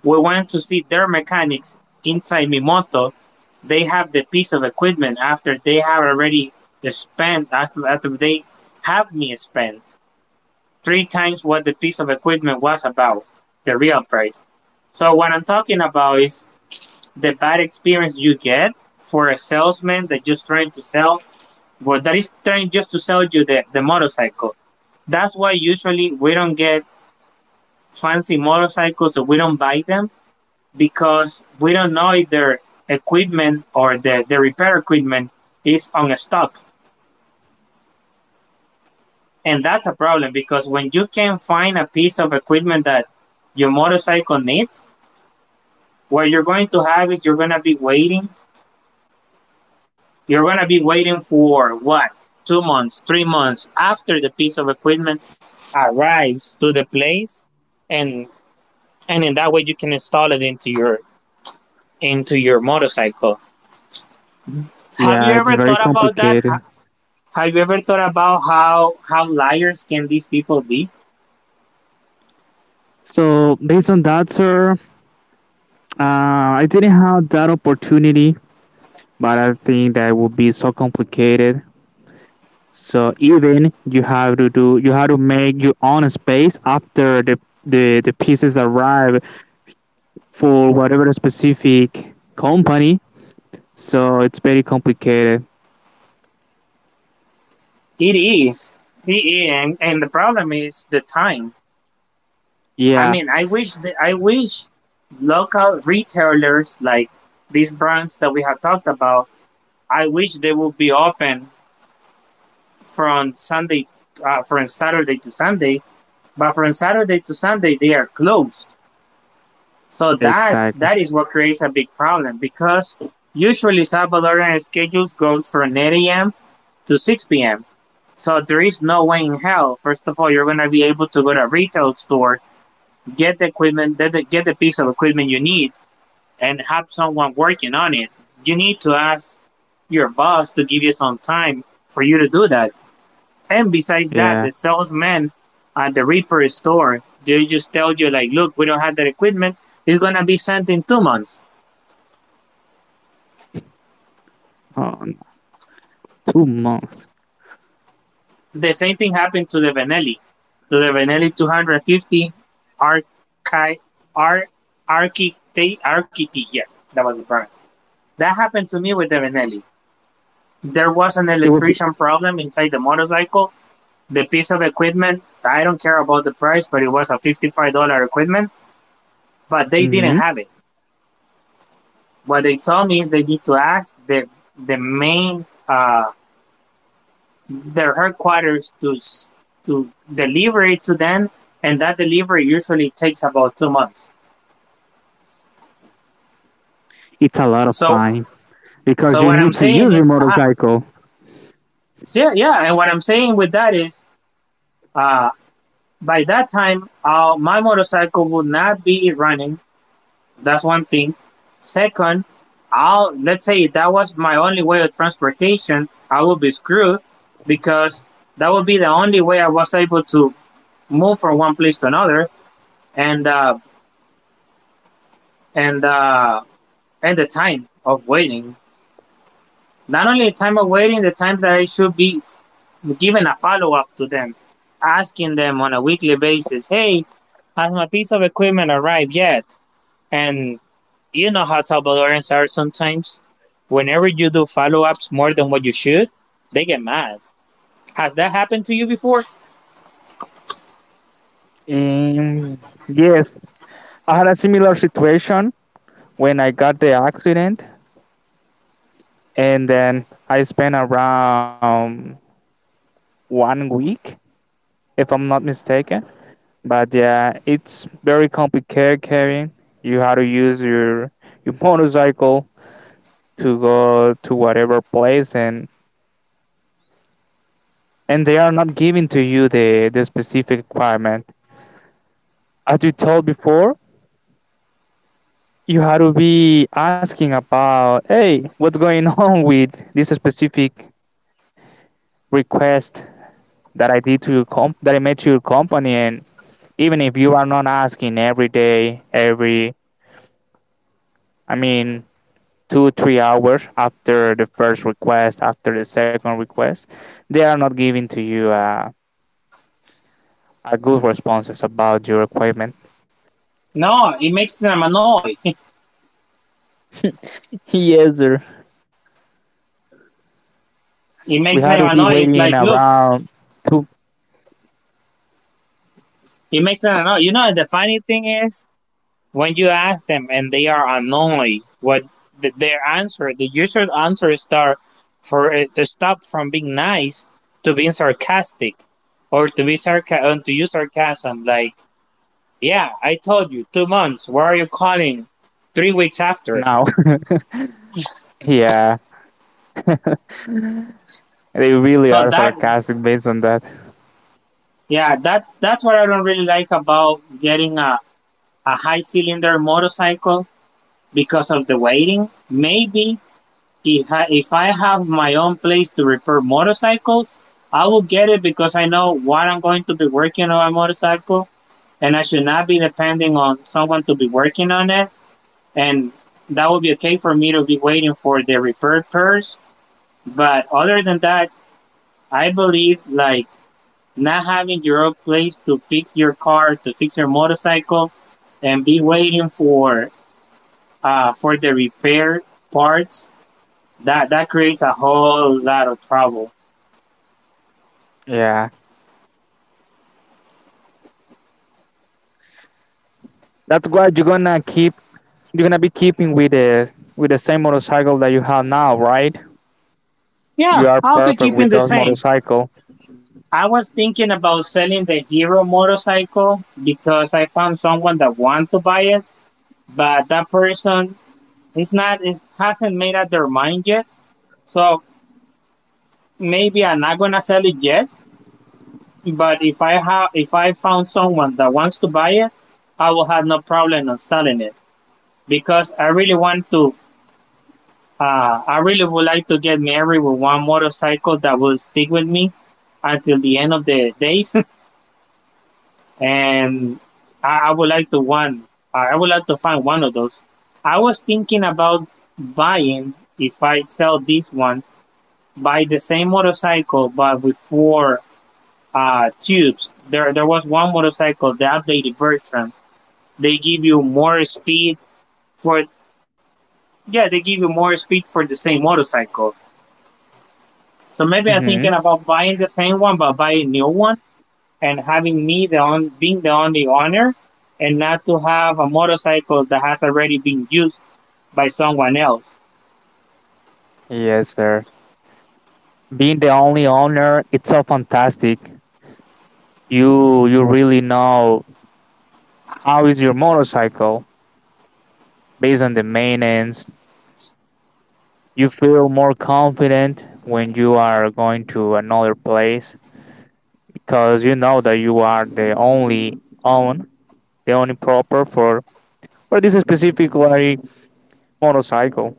Speaker 1: we went to see their mechanics inside Mimoto. They have the piece of equipment after they have already spent, after they have me spent three times what the piece of equipment was about, the real price. So what I'm talking about is the bad experience you get for a salesman that just trying to sell, well, that is trying just to sell you the motorcycle. That's why usually we don't get fancy motorcycles or we don't buy them because we don't know if their equipment or the repair equipment is on stock. And that's a problem because when you can find a piece of equipment that your motorcycle needs, what you're going to have is you're going to be waiting. You're going to be waiting for what? 2 months, 3 months after the piece of equipment arrives to the place, and in that way you can install it into your motorcycle. Have you
Speaker 2: yeah. It's
Speaker 1: ever
Speaker 2: very
Speaker 1: thought about that?
Speaker 2: complicated.
Speaker 1: Have you ever thought about how liars can these people be?
Speaker 2: So based on that, sir, I didn't have that opportunity, but I think that would be so complicated. So even you have to do, you have to make your own space after the pieces arrive for whatever specific company. So it's very complicated.
Speaker 1: It is, it is, and the problem is the time. I
Speaker 2: Yeah,
Speaker 1: mean, I wish I wish local retailers like these brands that we have talked about. I wish they would be open from Sunday, from Saturday to Sunday. But from Saturday to Sunday, they are closed. So that
Speaker 2: exactly.
Speaker 1: that is what creates a big problem because usually Salvadorian schedules goes from 8 a.m. to 6 p.m. So there is no way in hell. First of all, you're gonna be able to go to a retail store, get the equipment, get the piece of equipment you need, and have someone working on it, you need to ask your boss to give you some time for you to do that. And besides that,
Speaker 2: Yeah,
Speaker 1: the salesman at the Reaper store, they just tell you like, look, we don't have that equipment. It's gonna be sent in 2 months.
Speaker 2: um, 2 months.
Speaker 1: The same thing happened to the Vanelli 250 Archi Ar Archite Archite. Yeah, that was the brand. That happened to me with the Vanelli. There was an
Speaker 2: It would be.
Speaker 1: electrician problem inside the motorcycle, the piece of equipment. I don't care about the price, but it was a $55 equipment. But they didn't
Speaker 2: hmm
Speaker 1: have it. What they told me is they need to ask the main, their headquarters to deliver it to them, and that delivery usually takes about 2 months.
Speaker 2: It's a lot of
Speaker 1: So
Speaker 2: time because
Speaker 1: so
Speaker 2: you
Speaker 1: what I'm
Speaker 2: need to
Speaker 1: saying
Speaker 2: use your
Speaker 1: is,
Speaker 2: motorcycle.
Speaker 1: yeah, and what I'm saying with that is, uh, by that time, my motorcycle would not be running. That's one thing. Second, I'll let's say if that was my only way of transportation, I would be screwed because that would be the only way I was able to move from one place to another, and uh, and uh, and the time of waiting. Not only the time of waiting, the time that I should be giving a follow up to them, asking them on a weekly basis, "Hey, has my piece of equipment arrived yet?" And you know how Salvadorans are sometimes. Whenever you do follow ups more than what you should, they get mad. Has that happened to you before?
Speaker 2: Um, yes, I had a similar situation when I got the accident, and then I spent around 1 week, if I'm not mistaken. But yeah, it's very complicated carrying. You have to use your (laughs) motorcycle to go to whatever place, and they are not giving to you the specific requirement. As you told before, you have to be asking about, hey, what's going (laughs) on with this specific request that I did to your comp that I made to your company, and even if you are not asking every day, every I mean two, 3 hours after the first request, after the second request, they are not giving to you a good responses about your requirement.
Speaker 1: No, it makes them annoyed.
Speaker 2: (laughs) Yes, sir.
Speaker 1: (laughs) It
Speaker 2: We
Speaker 1: makes
Speaker 2: had
Speaker 1: them
Speaker 2: to be
Speaker 1: annoyed. It's
Speaker 2: waiting
Speaker 1: like, look,
Speaker 2: around two
Speaker 1: it makes them annoyed. You know, the funny thing is, when you ask them and they are annoyed, what their answer, the user's answer is start for stop from being nice to being sarcastic, or to be to use sarcasm like, yeah, I told you 2 months. Why are you calling 3 weeks after?
Speaker 2: now. (laughs) Yeah. (laughs) They really
Speaker 1: So
Speaker 2: are
Speaker 1: that
Speaker 2: sarcastic based on that.
Speaker 1: yeah, that's what I don't really like about getting a high cylinder motorcycle because of the waiting. Maybe if I, have my own place to repair motorcycles, I will get it because I know what I'm going to be working on a motorcycle and I should not be depending on someone to be working on it, and that would be okay for me to be waiting for the repair pairs. But other than that, I believe like not having your own place to fix your car, to fix your motorcycle, and be waiting for the repair parts. That creates a whole lot of trouble.
Speaker 2: Yeah. That's why you're gonna keep you're gonna be keeping with the same motorcycle that you have now, right?
Speaker 1: Yeah,
Speaker 2: You are
Speaker 1: I'll be
Speaker 2: perfect
Speaker 1: keeping
Speaker 2: with
Speaker 1: the
Speaker 2: those
Speaker 1: same.
Speaker 2: motorcycle.
Speaker 1: I was thinking about selling the Hero motorcycle because I found someone that want to buy it, but that person is not is hasn't made up their mind yet. So maybe I'm not gonna sell it yet. But if I have, if I found someone that wants to buy it, I will have no problem on selling it because I really want to. I really would like to get married with one motorcycle that will stick with me until the end of the days, (laughs) and I would like to one. I would like to find one of those. I was thinking about buying, if I sell this one, buy the same motorcycle but with four tubes. There was one motorcycle, the updated version, they give you more speed for, yeah, they give you more speed for the same motorcycle, so maybe I'm thinking
Speaker 2: Mm-hmm.
Speaker 1: about buying the same one but buy a new one and having me the on being the only owner and not to have a motorcycle that has already been used by someone else.
Speaker 2: Yes, sir. Being the only owner, it's so fantastic. You really know how is your motorcycle based on the maintenance. You feel more confident when you are going to another place because you know that you are the only own, the only proper for this specifically motorcycle.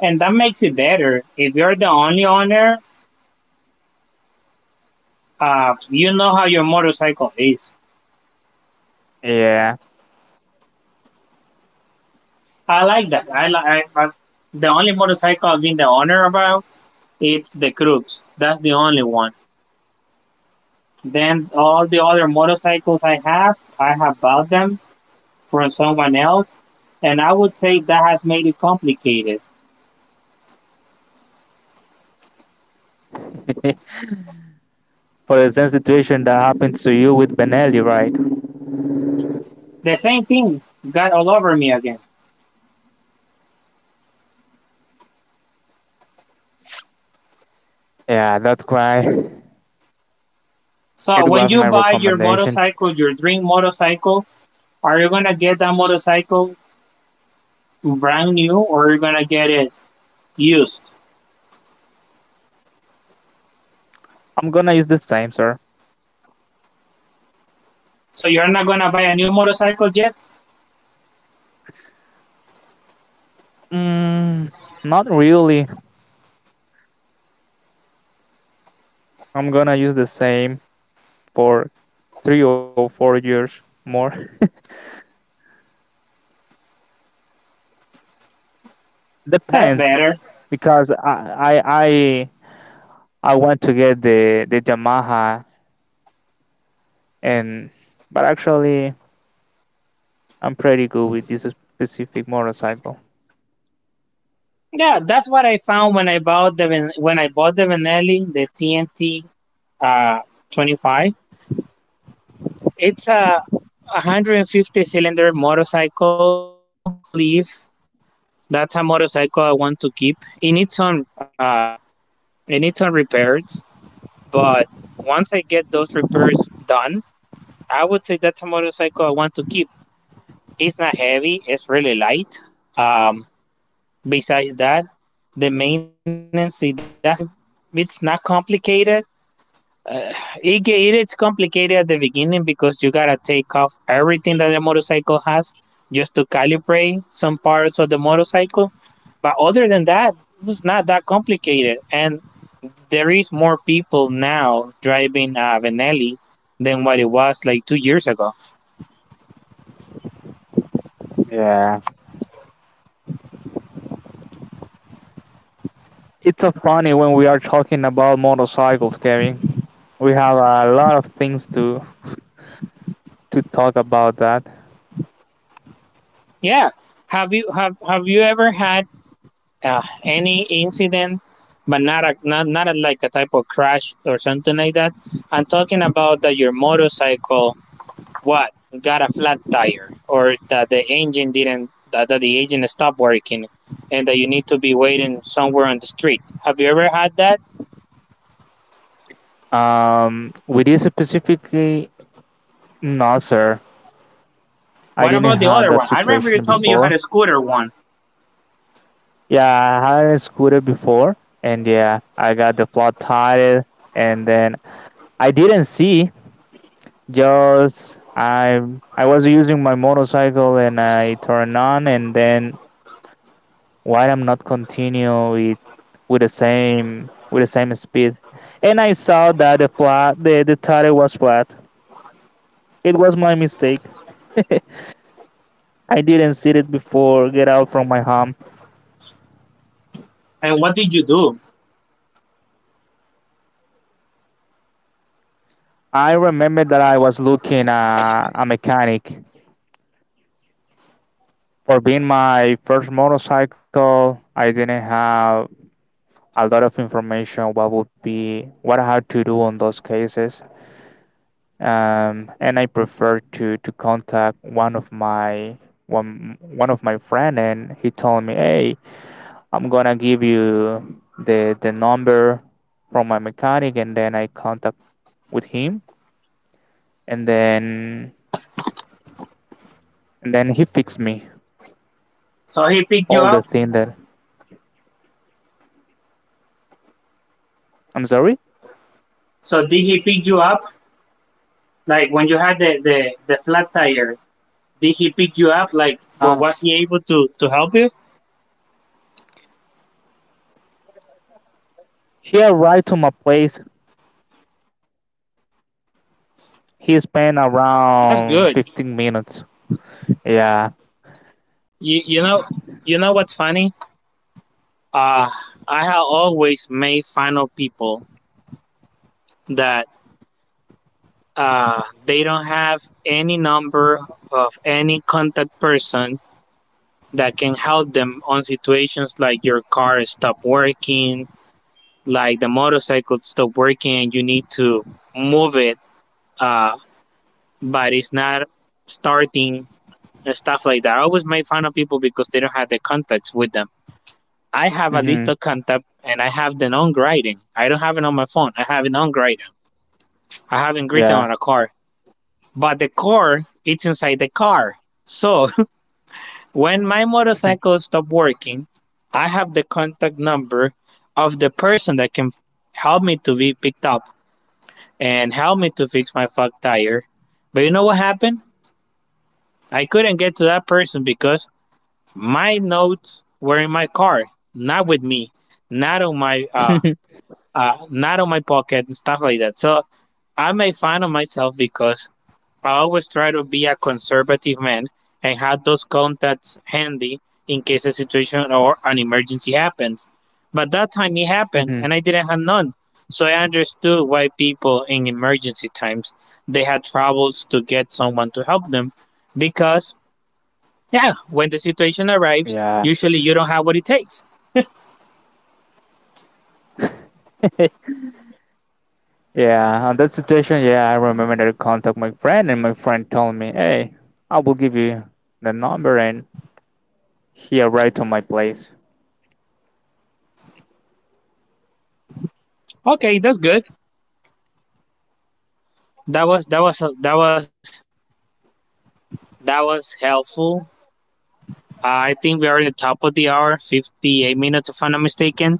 Speaker 1: And that makes it better if you're the only owner. You know how your motorcycle is.
Speaker 2: Yeah.
Speaker 1: I like that. I like I, the only motorcycle I've been the owner about, it's the Crux. That's the only one. Then all the other motorcycles I have bought them from someone else, and I would say that has made it complicated.
Speaker 2: (laughs) For the same situation that happened to you with Benelli, right?
Speaker 1: The same thing got all over me again.
Speaker 2: Yeah, that's why
Speaker 1: So
Speaker 2: it
Speaker 1: when
Speaker 2: was my
Speaker 1: you buy your
Speaker 2: recommendation.
Speaker 1: motorcycle, your dream motorcycle, are you gonna get that motorcycle brand new or are you gonna get it used?
Speaker 2: I'm gonna use the same, sir.
Speaker 1: So you're not gonna buy a new motorcycle yet?
Speaker 2: Mm, not really. I'm gonna use the same for 3 or 4 years more. (laughs)
Speaker 1: That's
Speaker 2: Depends
Speaker 1: better.
Speaker 2: because I I, I want to get the Yamaha, and but actually I'm pretty good with this specific motorcycle.
Speaker 1: Yeah, that's what I found when I bought the Benelli, the TNT uh, 25. It's a 150 cylinder motorcycle. I believe that's a motorcycle I want to keep. It needs some repairs, but once I get those repairs done, I would say that's a motorcycle I want to keep. It's not heavy. It's really light. Um, Besides that, the maintenance it doesn't. It's not complicated. It it is complicated at the beginning because you gotta take off everything that the motorcycle has just to calibrate some parts of the motorcycle. But other than that, it's not that complicated. And there is more people now driving a Benelli than what it was like 2 years ago.
Speaker 2: Yeah, it's so funny when we are talking about motorcycles, Kevin. We have a lot of things to talk about that.
Speaker 1: Yeah. Have you ever had any incident, but not a not not a, like a type of crash or something like that? I'm talking about that your motorcycle what got a flat tire or that the engine didn't that, that the engine stopped working and that you need to be waiting somewhere on the street. Have you ever had that?
Speaker 2: With this specifically, no, sir. I
Speaker 1: What
Speaker 2: didn't
Speaker 1: about the
Speaker 2: have
Speaker 1: other one?
Speaker 2: that
Speaker 1: I remember you
Speaker 2: situation
Speaker 1: told me you had
Speaker 2: before.
Speaker 1: a scooter one.
Speaker 2: Yeah, I had a scooter before, and yeah, I got the flat tire, and then I didn't see. Just I was using my motorcycle, and I turned on, and then why I'm not continue it with the same speed. And I saw that the flat the tire was flat. It was my mistake. (laughs) I didn't see it before get out from my home.
Speaker 1: And what did you do?
Speaker 2: I remember that I was looking a mechanic for being my first motorcycle. I didn't have a lot of information what would be what I had to do on those cases. And I prefer to contact one of my one one of my friend, and he told me, "Hey, I'm gonna give you the number from my mechanic," and then I contact with him, and then he fixed me
Speaker 1: So he picked you
Speaker 2: all the
Speaker 1: up?
Speaker 2: thing that I'm sorry.
Speaker 1: So did he pick you up like when you had the the flat tire? Did he pick you up? Like well,
Speaker 2: Uh,
Speaker 1: was he able to help you?
Speaker 2: he arrived to my place. He spent
Speaker 1: That's good.
Speaker 2: around 15 minutes. Yeah.
Speaker 1: You, you know you know what's funny, uh I have always made fun of people that, they don't have any number of any contact person that can help them on situations like your car stop working, like the motorcycle stop working, and you need to move it, uh, but it's not starting and stuff like that. I always make fun of people because they don't have the contacts with them. I have a
Speaker 2: hmm
Speaker 1: list of contact and I have the non grading. I don't have it on my phone. I have it non grading. I haven't written
Speaker 2: Yeah.
Speaker 1: on a car, but the core it's inside the car. So (laughs) when my
Speaker 2: (laughs)
Speaker 1: motorcycle stopped working, I have the contact number of the person that can help me to be picked up and help me to fix my fog tire. But you know what happened? I couldn't get to that person because my notes were in my car, not with me, not on my not on my pocket and stuff like that. So I made fun of myself because I always try to be a conservative man and have those contacts handy in case a situation or an emergency happens. But that time it happened
Speaker 2: hmm
Speaker 1: and I didn't have none. So I understood why people in emergency times they had troubles to get someone to help them because, yeah, when the situation arrives,
Speaker 2: Yeah.
Speaker 1: usually you don't have what it takes.
Speaker 2: Yeah, on that situation, yeah, I remember that I contact my friend, and my friend told me, "Hey, I will give you the number," and he arrived to my place.
Speaker 1: Okay, that's good. That was that was that was that was helpful. I think we are at the top of the hour, 58 minutes if I'm not mistaken.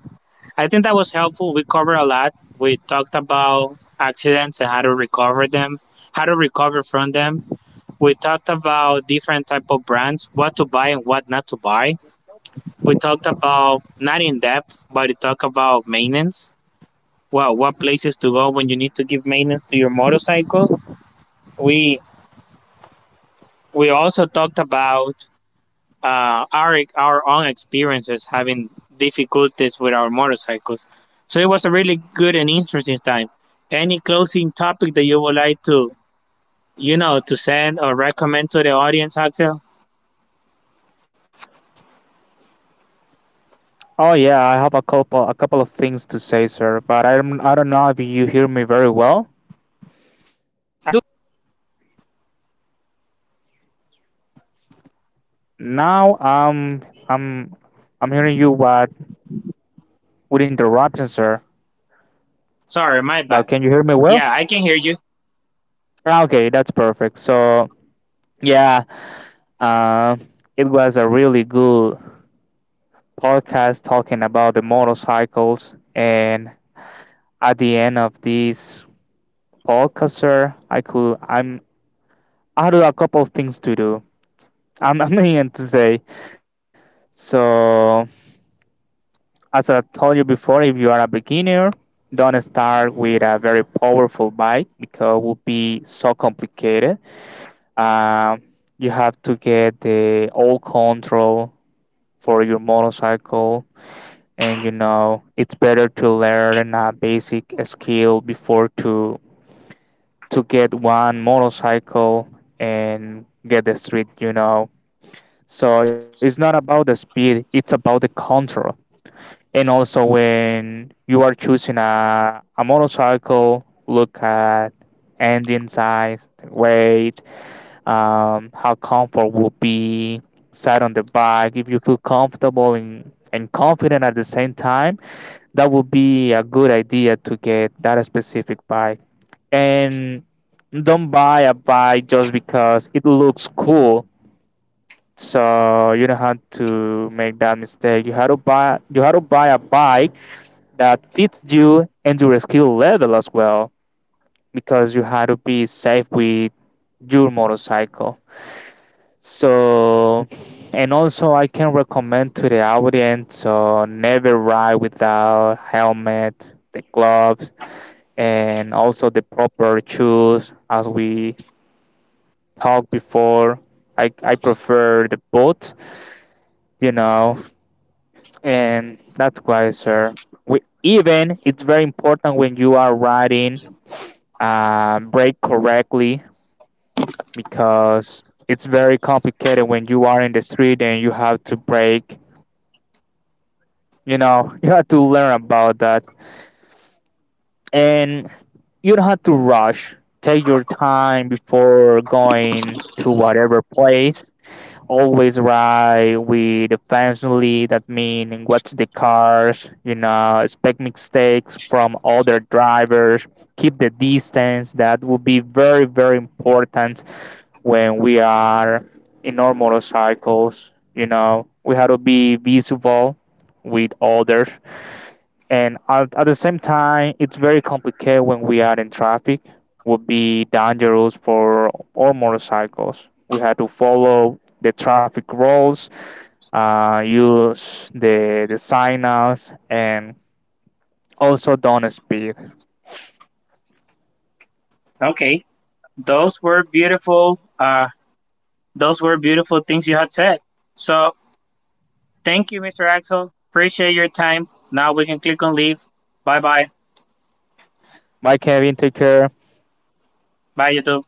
Speaker 1: I think that was helpful. We covered a lot. We talked about accidents and how to recover them, how to recover from them. We talked about different type of brands, what to buy and what not to buy. We talked about, not in depth, but we talked about maintenance. Well, what places to go when you need to give maintenance to your motorcycle. We we also talked about our own experiences having difficulties with our motorcycles. So it was a really good and interesting time. Any closing topic that you would like to, you know, to send or recommend to the audience, Axel?
Speaker 2: Oh yeah, I have a couple of things to say, sir, but I don't know if you hear me very well.
Speaker 1: I do.
Speaker 2: Now I'm I'm hearing you what with interruption, sir.
Speaker 1: Sorry, my
Speaker 2: But
Speaker 1: bad.
Speaker 2: can you hear me well?
Speaker 1: Yeah, I can hear you.
Speaker 2: Ah, okay, that's perfect. So yeah, uh, it was a really good podcast talking about the motorcycles, and at the end of this podcast, sir, I could I'm I do a couple of things to do. I'm (laughs) I'm in today. So as I told you before, if you are a beginner, don't start with a very powerful bike because it will be so complicated. Um, you have to get the all control for your motorcycle, and you know it's better to learn a basic skill before to get one motorcycle and get the street, you know. So it's not about the speed, it's about the control. And also, when you are choosing a motorcycle, look at engine size, weight, how comfort will be, side on the bike. If you feel comfortable and confident at the same time, that would be a good idea to get that specific bike, and don't buy a bike just because it looks cool. So you don't have to make that mistake. You have to buy a bike that fits you and your skill level as well, because you have to be safe with your motorcycle. So and also I can recommend to the audience so never ride without helmet, the gloves, and also the proper shoes as we talked before. I prefer the boat, you know, and that's why, sir. We even it's very important when you are riding, brake correctly because it's very complicated when you are in the street and you have to brake. You know, (laughs) you have to learn about that, and you don't have to rush. Take your time before going to whatever place. Always ride with the family, that mean watch the cars, you know, expect mistakes from other drivers, keep the distance. That will be very, very important. When we are in our motorcycles, you know, we have to be visible with others, and at the same time it's very complicated when we are in traffic. Would be dangerous for all motorcycles. We had to follow the traffic rules, use the signals, and also don't speed.
Speaker 1: Okay, those were beautiful. Those were beautiful things you had said. So thank you, Mr. Axel. Appreciate your time. Now we can click on leave. Bye bye.
Speaker 2: Bye, Kevin. Take care.
Speaker 1: Bye, YouTube.